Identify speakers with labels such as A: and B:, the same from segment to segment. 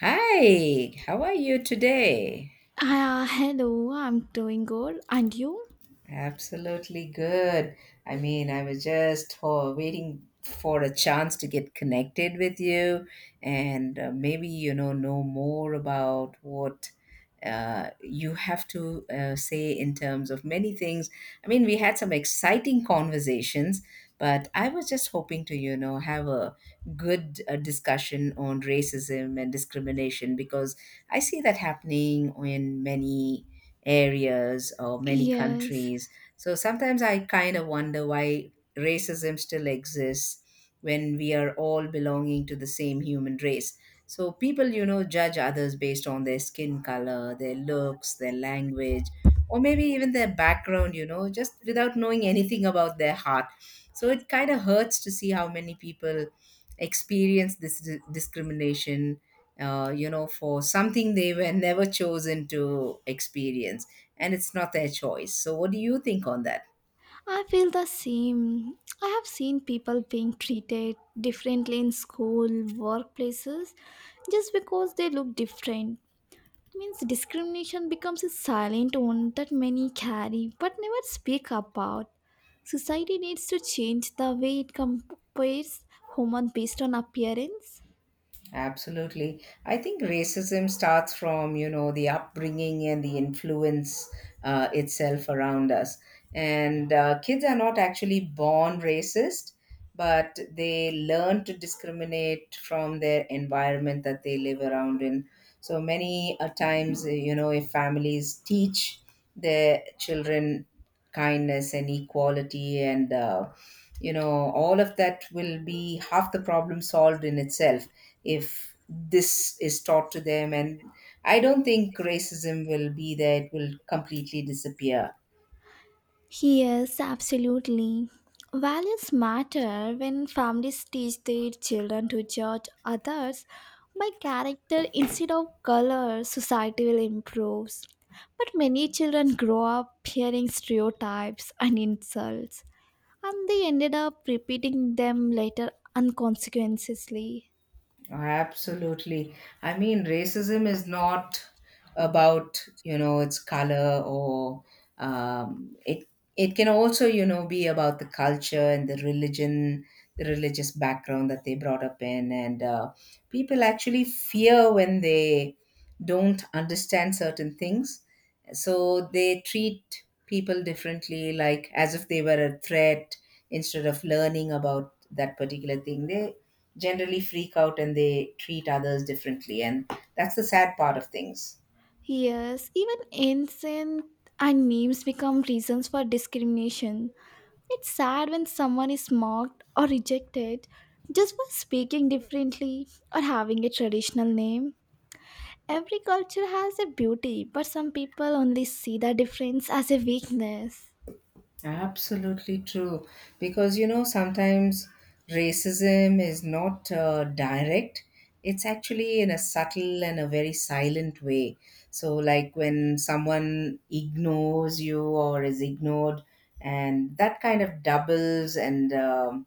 A: Hi, how are you today?
B: Hello, I'm doing good. And you?
A: Absolutely good. I was just waiting for a chance to get connected with you and maybe, know more about what you have to say in terms of many things. I mean, we had some exciting conversations, but I was just hoping to, have a good discussion on racism and discrimination because I see that happening in many areas or many
B: Yes,
A: countries. So sometimes I kind of wonder why racism still exists when we are all belonging to the same human race. So people, judge others based on their skin color, their looks, their language, or maybe even their background, just without knowing anything about their heart. So it kind of hurts to see how many people experience discrimination for something they were never chosen to experience, and it's not their choice. So, what do you think on that?
B: I feel the same. I have seen people being treated differently in school, workplaces, just because they look different. Means discrimination becomes a silent one that many carry but never speak about. Society needs to change the way it compares human based on appearance.
A: Absolutely. I think racism starts from, the upbringing and the influence itself around us. And kids are not actually born racist, but they learn to discriminate from their environment that they live around in. So many a times, if families teach their children kindness and equality and all of that will be half the problem solved in itself if this is taught to them, and I don't think racism will be there. It will completely disappear.
B: Yes, absolutely. Values matter when families teach their children to judge others by character instead of color, society will improve. But many children grow up hearing stereotypes and insults, and they ended up repeating them later unconsequently.
A: Absolutely. I mean, racism is not about, its color or um, it it can also, be about the culture and the religion, the religious background that they brought up in. And people actually fear when they don't understand certain things. So they treat people differently, like as if they were a threat instead of learning about that particular thing. They generally freak out and they treat others differently. And that's the sad part of things.
B: Yes, even incense and names become reasons for discrimination. It's sad when someone is mocked or rejected just for speaking differently or having a traditional name. Every culture has a beauty, but some people only see the difference as a weakness.
A: Absolutely true. Because, sometimes racism is not direct, it's actually in a subtle and a very silent way. So, like when someone ignores you or is ignored, and that kind of doubles and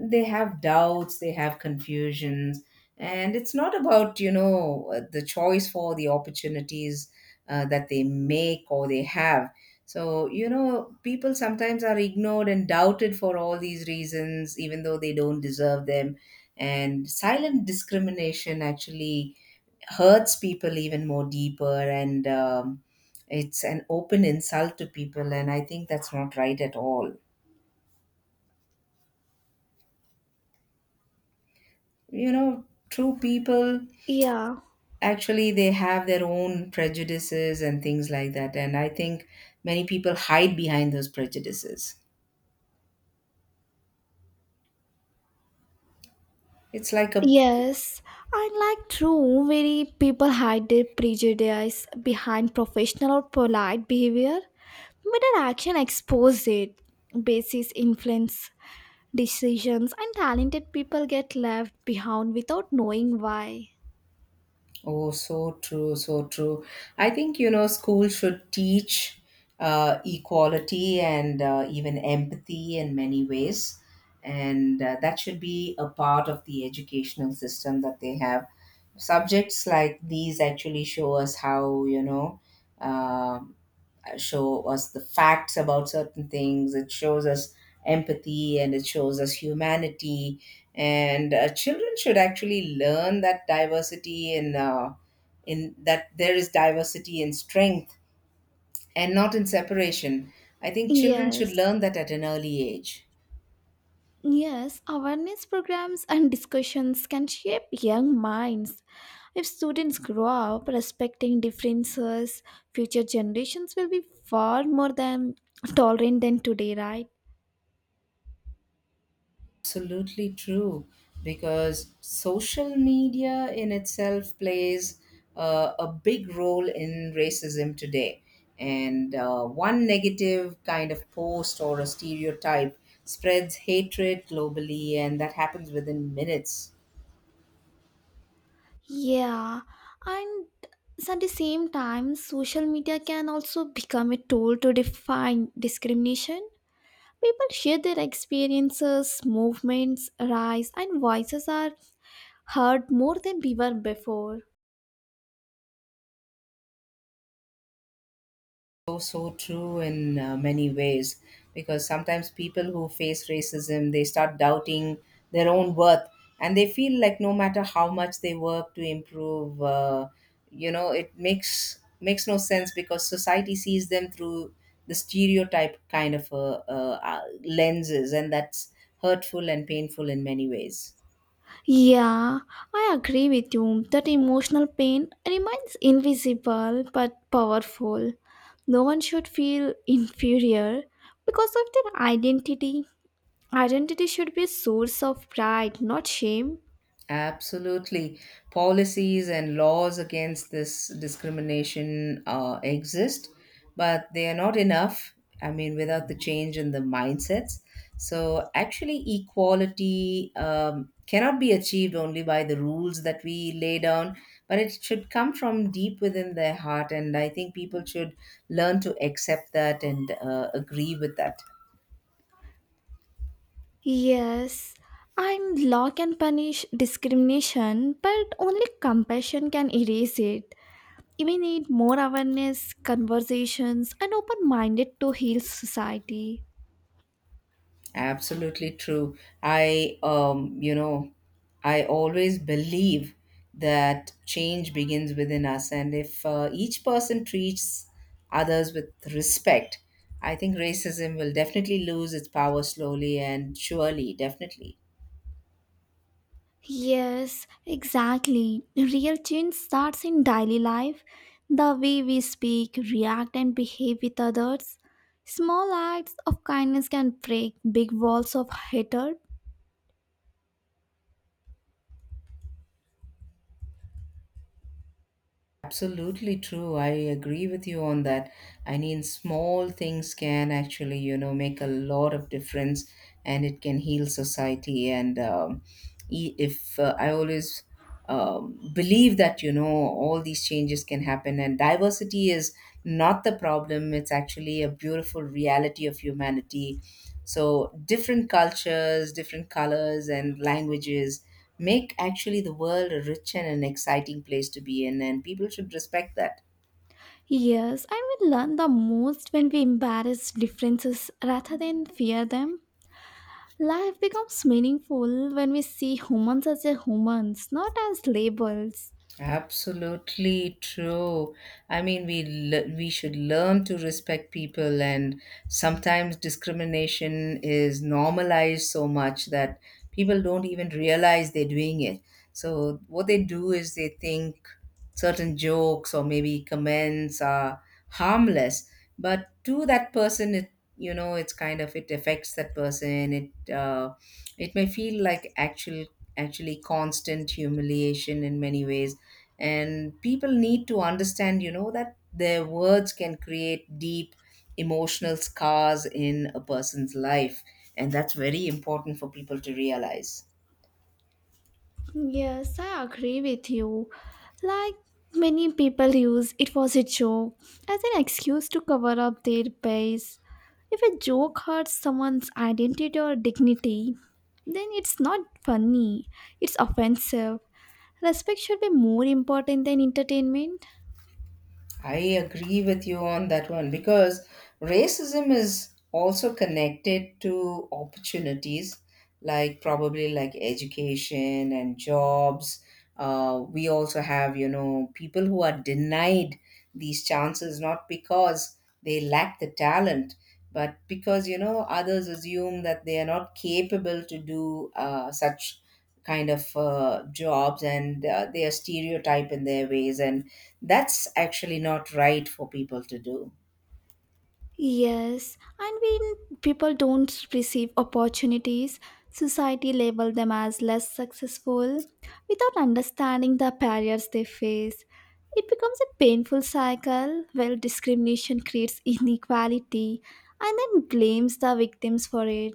A: they have doubts, they have confusions, and it's not about the choice for the opportunities that they make or they have. So people sometimes are ignored and doubted for all these reasons even though they don't deserve them, and silent discrimination actually hurts people even more deeper, and it's an open insult to people, and I think that's not right at all. You know, true people
B: Yeah.
A: actually they have their own prejudices and things like that, and I think many people hide behind those prejudices. It's like a—
B: Yes, and like true, many people hide their prejudice behind professional or polite behavior, but their action exposes it. Basis influence decisions, and talented people get left behind without knowing why.
A: Oh, so true, so true. I think school should teach equality and even empathy in many ways, and that should be a part of the educational system that they have. Subjects like these actually show us how um show us the facts about certain things. It shows us empathy and it shows us humanity. And children should actually learn that diversity in that there is diversity in strength and not in separation. I think children should
B: Yes,
A: learn that at an early age.
B: yes, awareness programs and discussions can shape young minds. If students grow up respecting differences, future generations will be far more than tolerant than today, right?
A: Absolutely true, because social media in itself plays a big role in racism today. And one negative kind of post or a stereotype spreads hatred globally, and that happens within minutes.
B: Yeah, and at the same time, social media can also become a tool to define discrimination. People share their experiences, movements, rights, and voices are heard more than we were before.
A: So, so true in many ways, because sometimes people who face racism, they start doubting their own worth, and they feel like no matter how much they work to improve, it makes no sense, because society sees them through the stereotype kind of lenses, and that's hurtful and painful in many ways.
B: Yeah, I agree with you. That emotional pain remains invisible but powerful. No one should feel inferior because of their identity. Identity should be a source of pride, not shame.
A: Absolutely. Policies and laws against this discrimination exist, but they are not enough. I mean, without the change in the mindsets. So, actually, equality cannot be achieved only by the rules that we lay down, but it should come from deep within their heart. And I think people should learn to accept that and agree with that.
B: Yes, and law can punish discrimination, but only compassion can erase it. We need more awareness, conversations, and open minded to heal society.
A: Absolutely true. I, um, you know, I always believe that change begins within us, and if each person treats others with respect, I think racism will definitely lose its power slowly and surely, definitely.
B: Yes, exactly. Real change starts in daily life, the way we speak, react, and behave with others. Small acts of kindness can break big walls of hatred.
A: Absolutely true. I agree with you on that. I mean, small things can actually, make a lot of difference, and it can heal society. And e- if I always believe that, all these changes can happen, and diversity is not the problem. It's actually a beautiful reality of humanity. So different cultures, different colors, and languages make actually the world a rich and an exciting place to be in, and people should respect that.
B: Yes, and we learn the most when we embrace differences rather than fear them. Life becomes meaningful when we see humans as a humans, not as labels.
A: Absolutely true. I mean, we should learn to respect people, and sometimes discrimination is normalized so much that people don't even realize they're doing it. So what they do is they think certain jokes or maybe comments are harmless, but to that person, it's kind of it affects that person. It uh, it may feel like actually constant humiliation in many ways, and people need to understand that their words can create deep emotional scars in a person's life, and that's very important for people to realize.
B: Yes, I agree with you. Like many people use, it was a joke as an excuse to cover up their base. If a joke hurts someone's identity or dignity, then it's not funny, it's offensive. Respect should be more important than entertainment.
A: I agree with you on that one, because racism is also connected to opportunities like probably like education and jobs. We also have, people who are denied these chances not because they lack the talent, but because, others assume that they are not capable to do such kind of jobs, and they are stereotyped in their ways, and that's actually not right for people to do.
B: Yes, and when people don't receive opportunities, society label them as less successful without understanding the barriers they face. It becomes a painful cycle where discrimination creates inequality and then blames the victims for it.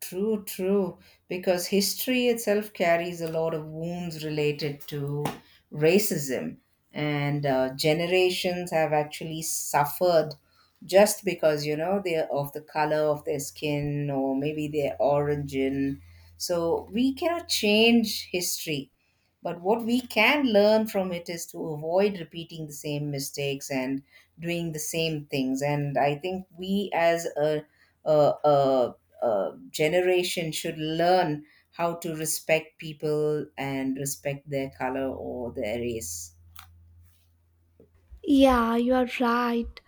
A: True, true. Because history itself carries a lot of wounds related to racism, and generations have actually suffered just because they're of the color of their skin or maybe their origin. So we cannot change history, but what we can learn from it is to avoid repeating the same mistakes and doing the same things. And I think we as a generation should learn how to respect people and respect their color or their race.
B: Yeah, you are right.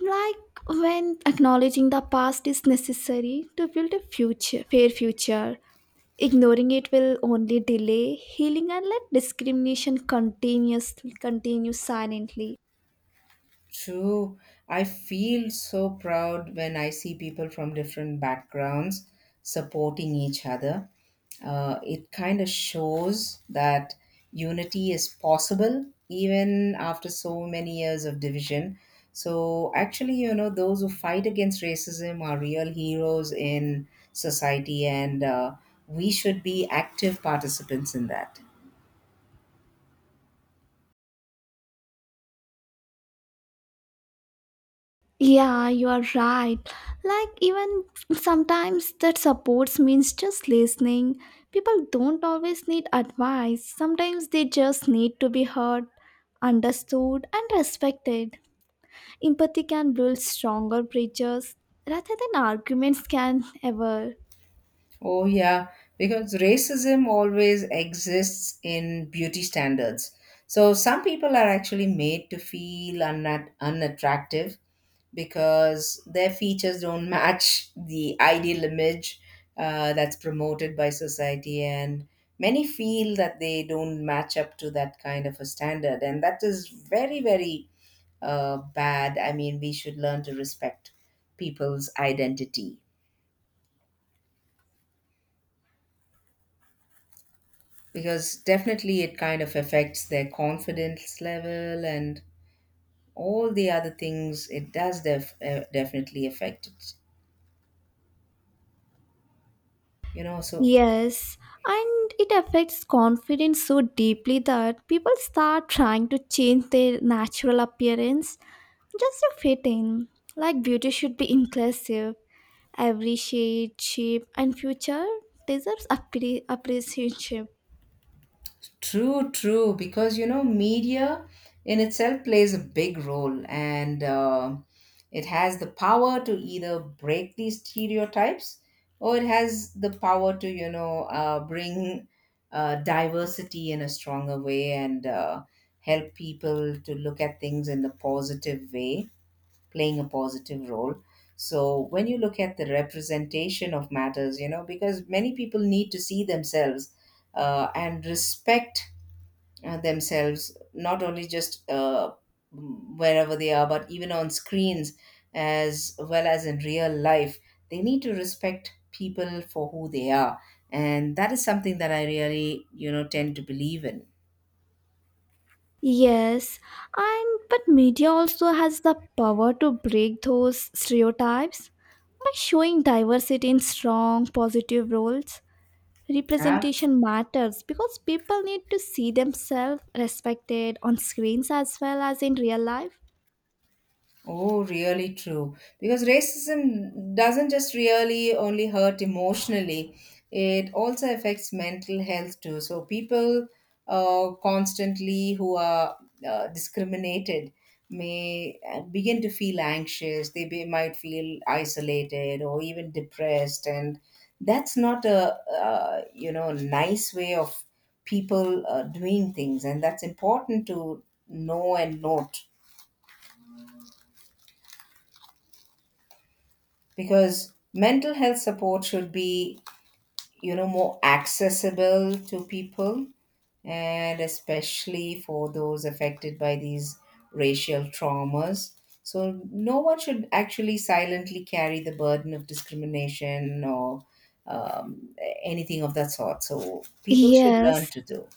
B: Like when acknowledging the past is necessary to build a future, fair future, ignoring it will only delay healing and let discrimination continue silently.
A: True. I feel so proud when I see people from different backgrounds supporting each other. It kind of shows that unity is possible even after so many years of division. So, actually, those who fight against racism are real heroes in society, and we should be active participants in that.
B: Yeah, you are right. Like even sometimes that supports means just listening. People don't always need advice. Sometimes they just need to be heard, understood and respected. Empathy can build stronger bridges rather than arguments can ever.
A: Oh, yeah, because racism always exists in beauty standards. So some people are actually made to feel unattractive because their features don't match the ideal image that's promoted by society. And many feel that they don't match up to that kind of a standard. And that is very, very bad. I mean, we should learn to respect people's identity, because definitely it kind of affects their confidence level, and all the other things it does definitely affect it, so.
B: Yes, and it affects confidence so deeply that people start trying to change their natural appearance just to fit in. Like beauty should be inclusive. Every shade, shape, and feature deserves appreciation.
A: True, true, because media in itself plays a big role, and it has the power to either break these stereotypes or it has the power to bring diversity in a stronger way, and help people to look at things in a positive way, playing a positive role. So when you look at the representation of matters, because many people need to see themselves and respect themselves, not only just wherever they are, but even on screens as well as in real life. They need to respect people for who they are. And that is something that I really, tend to believe in.
B: Yes, and but media also has the power to break those stereotypes by showing diversity in strong, positive roles.
A: Yeah.
B: Representation matters because people need to see themselves respected on screens as well as in real life.
A: Oh, really true. Because racism doesn't just really only hurt emotionally, it also affects mental health too. So, people constantly who are discriminated may begin to feel anxious, they might feel isolated or even depressed. And that's not a, nice way of people doing things. And that's important to know and note, because mental health support should be more accessible to people, and especially for those affected by these racial traumas. So no one should actually silently carry the burden of discrimination or um, anything of that sort, so people should learn
B: Yes.
A: to do.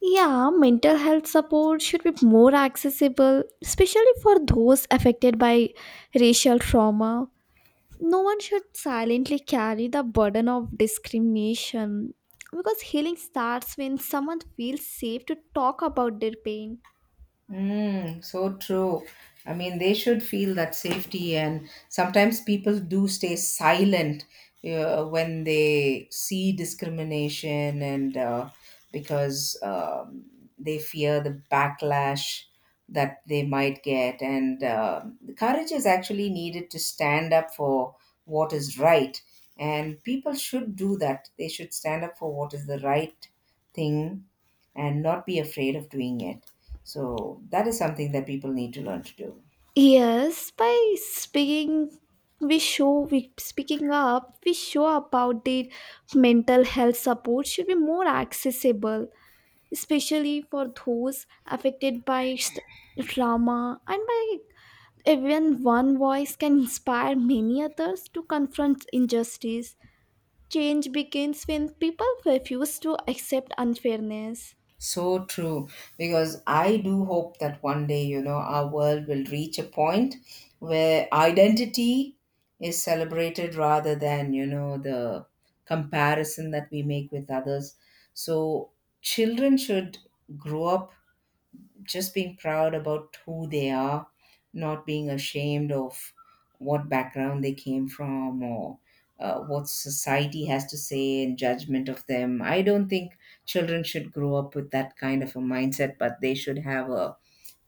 B: Yeah, mental health support should be more accessible, especially for those affected by racial trauma. No one should silently carry the burden of discrimination because healing starts when someone feels safe to talk about their pain.
A: Mm, so true. I mean, they should feel that safety, and sometimes people do stay silent when they see discrimination and because they fear the backlash that they might get. And the courage is actually needed to stand up for what is right, and people should do that. They should stand up for what is the right thing and not be afraid of doing it. So that is something that people need to learn to do.
B: Yes, by speaking, we show we speaking up, we show about the mental health support should be more accessible, especially for those affected by trauma, and by even one voice can inspire many others to confront injustice. Change begins when people refuse to accept unfairness.
A: So true, because I do hope that one day, you know, our world will reach a point where identity is celebrated rather than, the comparison that we make with others. So children should grow up just being proud about who they are, not being ashamed of what background they came from or what society has to say in judgment of them. I don't think children should grow up with that kind of a mindset, but they should have a,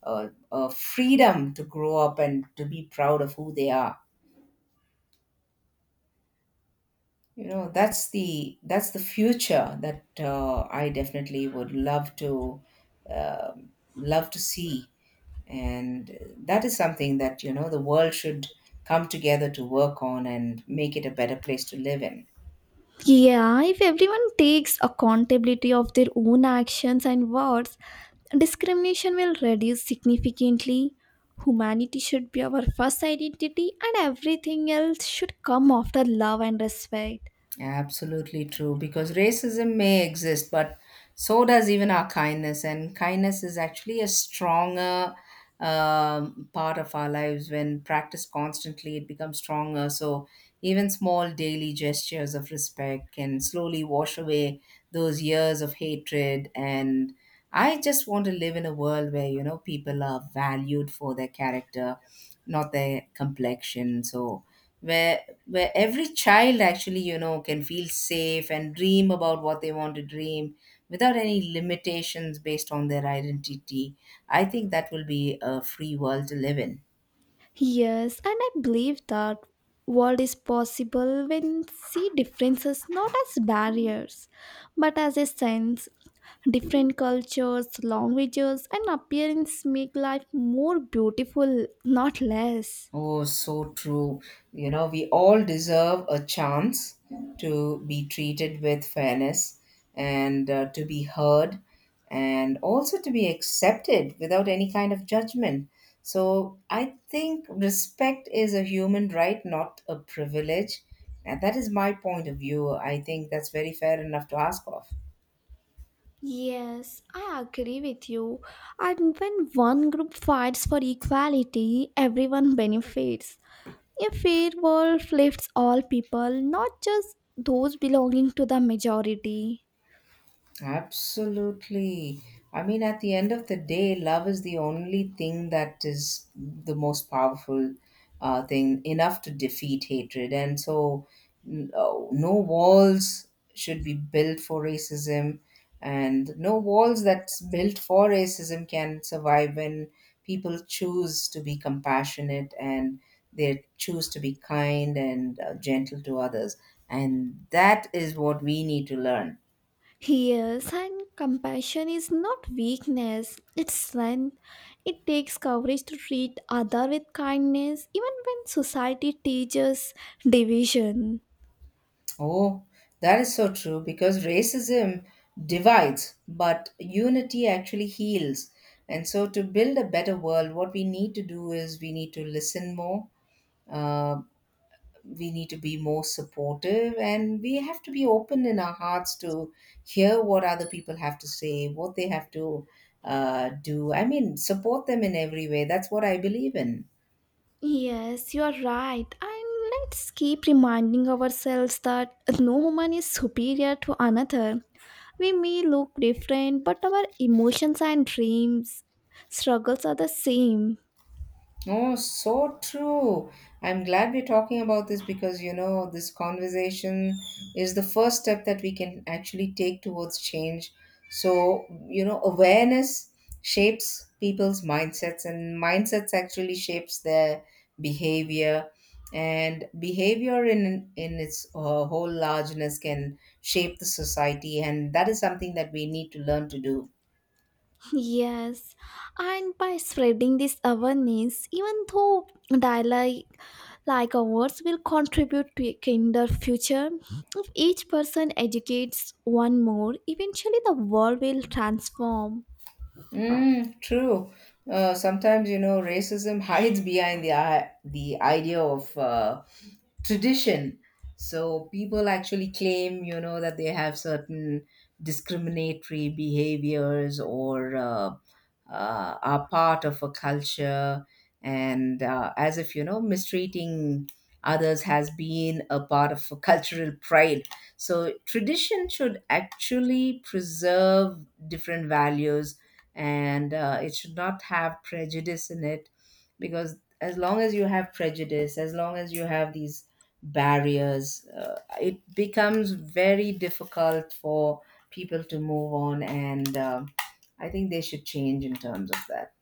A: a, a freedom to grow up and to be proud of who they are. You know, that's the future that I definitely would love to um love to see, and that is something that, you know, the world should come together to work on and make it a better place to live in.
B: Yeah, if everyone takes accountability of their own actions and words, discrimination will reduce significantly. Humanity should be our first identity, and everything else should come after love and respect.
A: Absolutely true. Because racism may exist, but so does even our kindness. And kindness is actually a stronger part of our lives. When practiced constantly, it becomes stronger. So even small daily gestures of respect can slowly wash away those years of hatred. And I just want to live in a world where, you know, people are valued for their character, not their complexion. So where where every child actually, you know, can feel safe and dream about what they want to dream without any limitations based on their identity. I think that will be a free world to live in.
B: Yes, and I believe that world is possible when see differences not as barriers, but as a sense. Different cultures, languages, and appearance make life more beautiful, not less.
A: Oh, so true. You know, we all deserve a chance to be treated with fairness, and to be heard, and also to be accepted without any kind of judgment. So I think respect is a human right, not a privilege. And that is my point of view. I think that's very fair enough to ask of.
B: Yes, I agree with you. And when one group fights for equality, everyone benefits. A fair world lifts all people, not just those belonging to the majority.
A: Absolutely. I mean, at the end of the day, love is the only thing that is the most powerful thing, enough to defeat hatred. And so, no, no walls should be built for racism, and no walls that's built for racism can survive when people choose to be compassionate and they choose to be kind and gentle to others. And that is what we need to learn.
B: Yes, and compassion is not weakness, it's strength. It takes courage to treat other with kindness even when society teaches division.
A: Oh, that is so true because racism divides, but unity actually heals. And so, to build a better world, what we need to do is we need to listen more, uh, we need to be more supportive, and we have to be open in our hearts to hear what other people have to say, what they have to do. I mean, support them in every way. That's what I believe in.
B: Yes, you are right. And let's keep reminding ourselves that no human is superior to another. We may look different, but our emotions and dreams, struggles are the same.
A: Oh, so true. I'm glad we're talking about this because, you know, this conversation is the first step that we can actually take towards change. So, you know, awareness shapes people's mindsets, and mindsets actually shapes their behavior, and behavior in its whole largeness can shape the society, and that is something that we need to learn to do.
B: Yes, and by spreading this awareness, even though dialogue like ours will contribute to a kinder future, if each person educates one more, eventually the world will transform.
A: Mm, true. Sometimes, you know, racism hides behind the idea of tradition. So people actually claim, you know, that they have certain discriminatory behaviors or are part of a culture, and as if, you know, mistreating others has been a part of a cultural pride. So tradition should actually preserve different values, and it should not have prejudice in it, because as long as you have prejudice, as long as you have these barriers. It becomes very difficult for people to move on, and I think they should change in terms of that.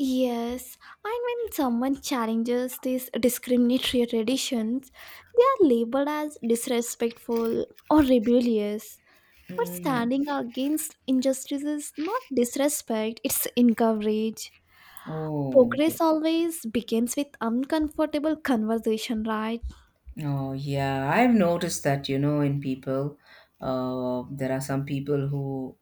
B: Yes, and when someone challenges these discriminatory traditions, they are labeled as disrespectful or rebellious. But
A: Mm.
B: standing against injustice is not disrespect, it's encourage.
A: Oh, yeah.
B: Progress always begins with uncomfortable conversation, right?
A: Oh, yeah. I've noticed that, you know, in people, there are some people who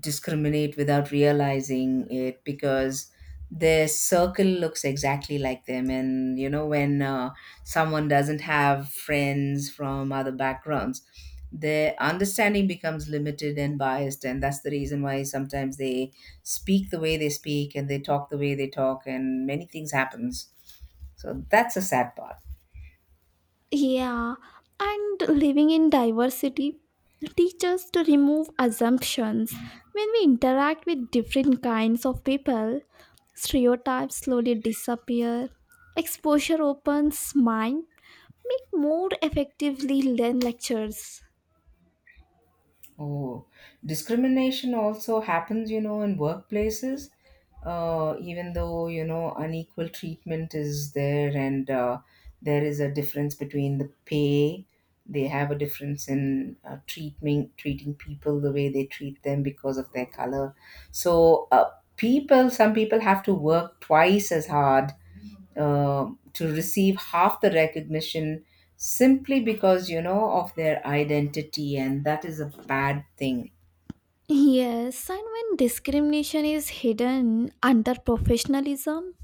A: discriminate without realizing it because their circle looks exactly like them. And, you know, when someone doesn't have friends from other backgrounds, their understanding becomes limited and biased, and that's the reason why sometimes they speak the way they speak, and they talk the way they talk, and many things happens. So that's a sad part.
B: Yeah, and living in diversity teach us to remove assumptions. When we interact with different kinds of people, stereotypes slowly disappear. Exposure opens mind, make more effectively learn lectures.
A: Oh, discrimination also happens, you know, in workplaces. Even though, you know, unequal treatment is there, and there is a difference between the pay, they have a difference in treating people the way they treat them because of their color. So, people some people have to work twice as hard to receive half the recognition, simply because, you know, of their identity, and that is a bad thing.
B: Yes, and when discrimination is hidden under professionalism,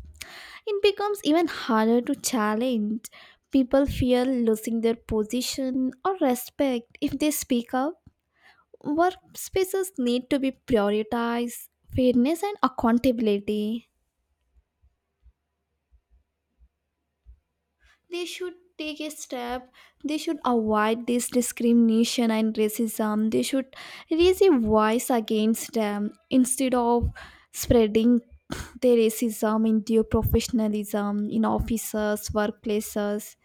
B: it becomes even harder to challenge. People fear losing their position or respect if they speak up. Workspaces need to be prioritized, fairness, and accountability. They should take a step, they should avoid this discrimination and racism. They should raise a voice against them instead of spreading their racism into professionalism in offices, workplaces.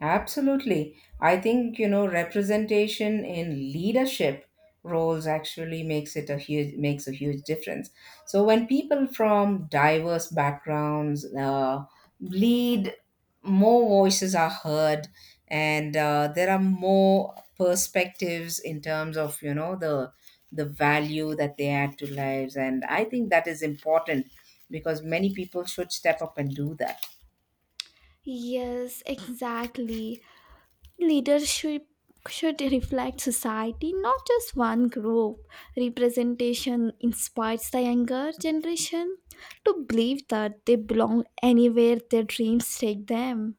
A: Absolutely. I think, you know, representation in leadership roles actually makes a huge difference. So when people from diverse backgrounds lead, more voices are heard, and there are more perspectives in terms of, you know, the value that they add to lives, and I think that is important because many people should step up and do that.
B: Yes, exactly. Leadership should reflect society, not just one group. Representation inspires the younger generation to believe that they belong anywhere their dreams take them.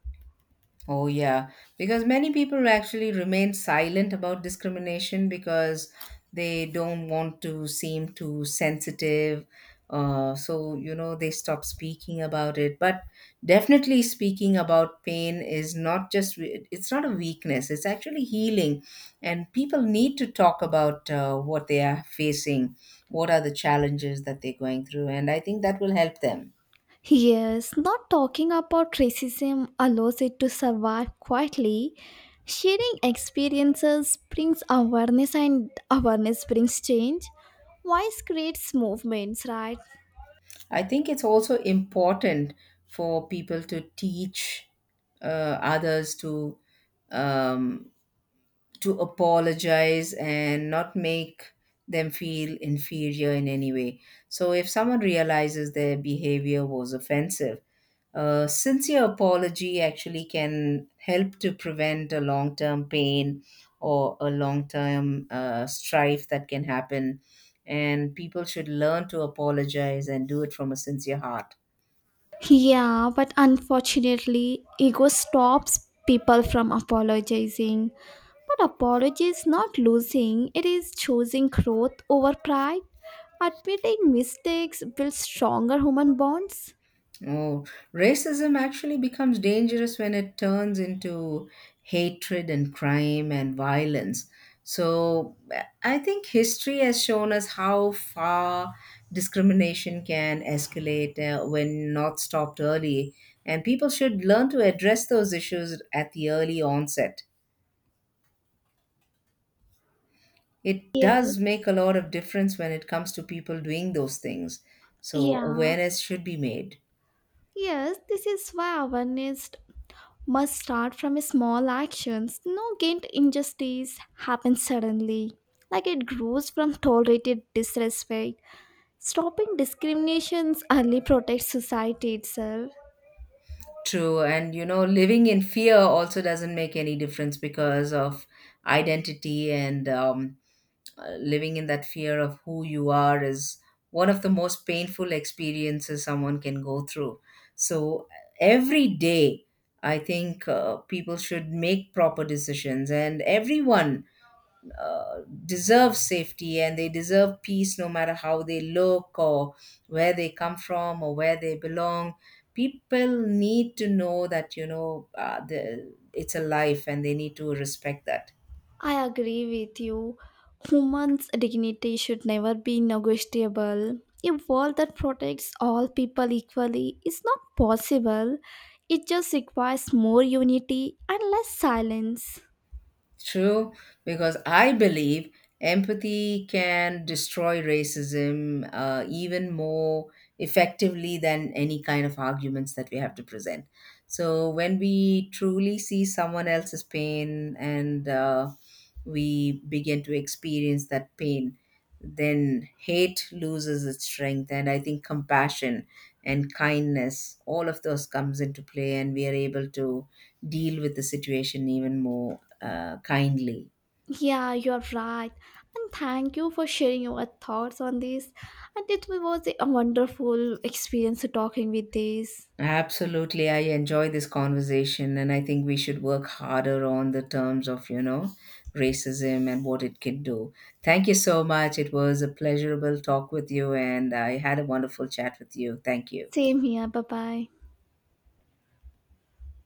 A: Oh, yeah, because many people actually remain silent about discrimination because they don't want to seem too sensitive. So, you know, they stop speaking about it. But definitely speaking about pain is not just, we- it's not a weakness, it's actually healing. And people need to talk about what they are facing, what are the challenges that they're going through. And I think that will help them.
B: Yes, not talking about racism allows it to survive quietly. Sharing experiences brings awareness, and awareness brings change. Voice creates movements, right?
A: I think it's also important for people to teach others um, to apologize and not make them feel inferior in any way. So, if someone realizes their behavior was offensive, a sincere apology actually can help to prevent a long term pain or a long term strife that can happen. And people should learn to apologize and do it from a sincere heart.
B: Yeah, but unfortunately, ego stops people from apologizing. But apology is not losing, it is choosing growth over pride. Admitting mistakes builds stronger human bonds.
A: Oh, racism actually becomes dangerous when it turns into hatred and crime and violence. So I think history has shown us how far discrimination can escalate when not stopped early, and people should learn to address those issues at the early onset. It
B: Yes,
A: does make a lot of difference when it comes to people doing those things. So
B: yeah.
A: awareness should be made.
B: Yes, this is why awareness must start from small actions. No gained injustice happens suddenly. Like it grows from tolerated disrespect. Stopping discriminations early protects society itself.
A: True, and you know, living in fear also doesn't make any difference because of identity. And living in that fear of who you are is one of the most painful experiences someone can go through. So every day, I think people should make proper decisions, and everyone deserve safety and they deserve peace, no matter how they look or where they come from or where they belong. People need to know that, you know, it's a life, and they need to respect that.
B: I agree with you. Humans' dignity should never be negotiable. A world that protects all people equally is not possible. It just requires more unity and less silence.
A: True, because I believe empathy can destroy racism even more effectively than any kind of arguments that we have to present. So, when we truly see someone else's pain, and we begin to experience that pain, then hate loses its strength. And I think compassion and kindness, all of those comes into play, and we are able to deal with the situation even more kindly.
B: Yeah, you're right. And thank you for sharing your thoughts on this. And it was a wonderful experience talking with this.
A: Absolutely, I enjoy this conversation, and I think we should work harder on the terms of, you know, racism and what it can do. Thank you so much. It was a pleasurable talk with you, and I had a wonderful chat with you. Thank you.
B: Same here. Bye bye.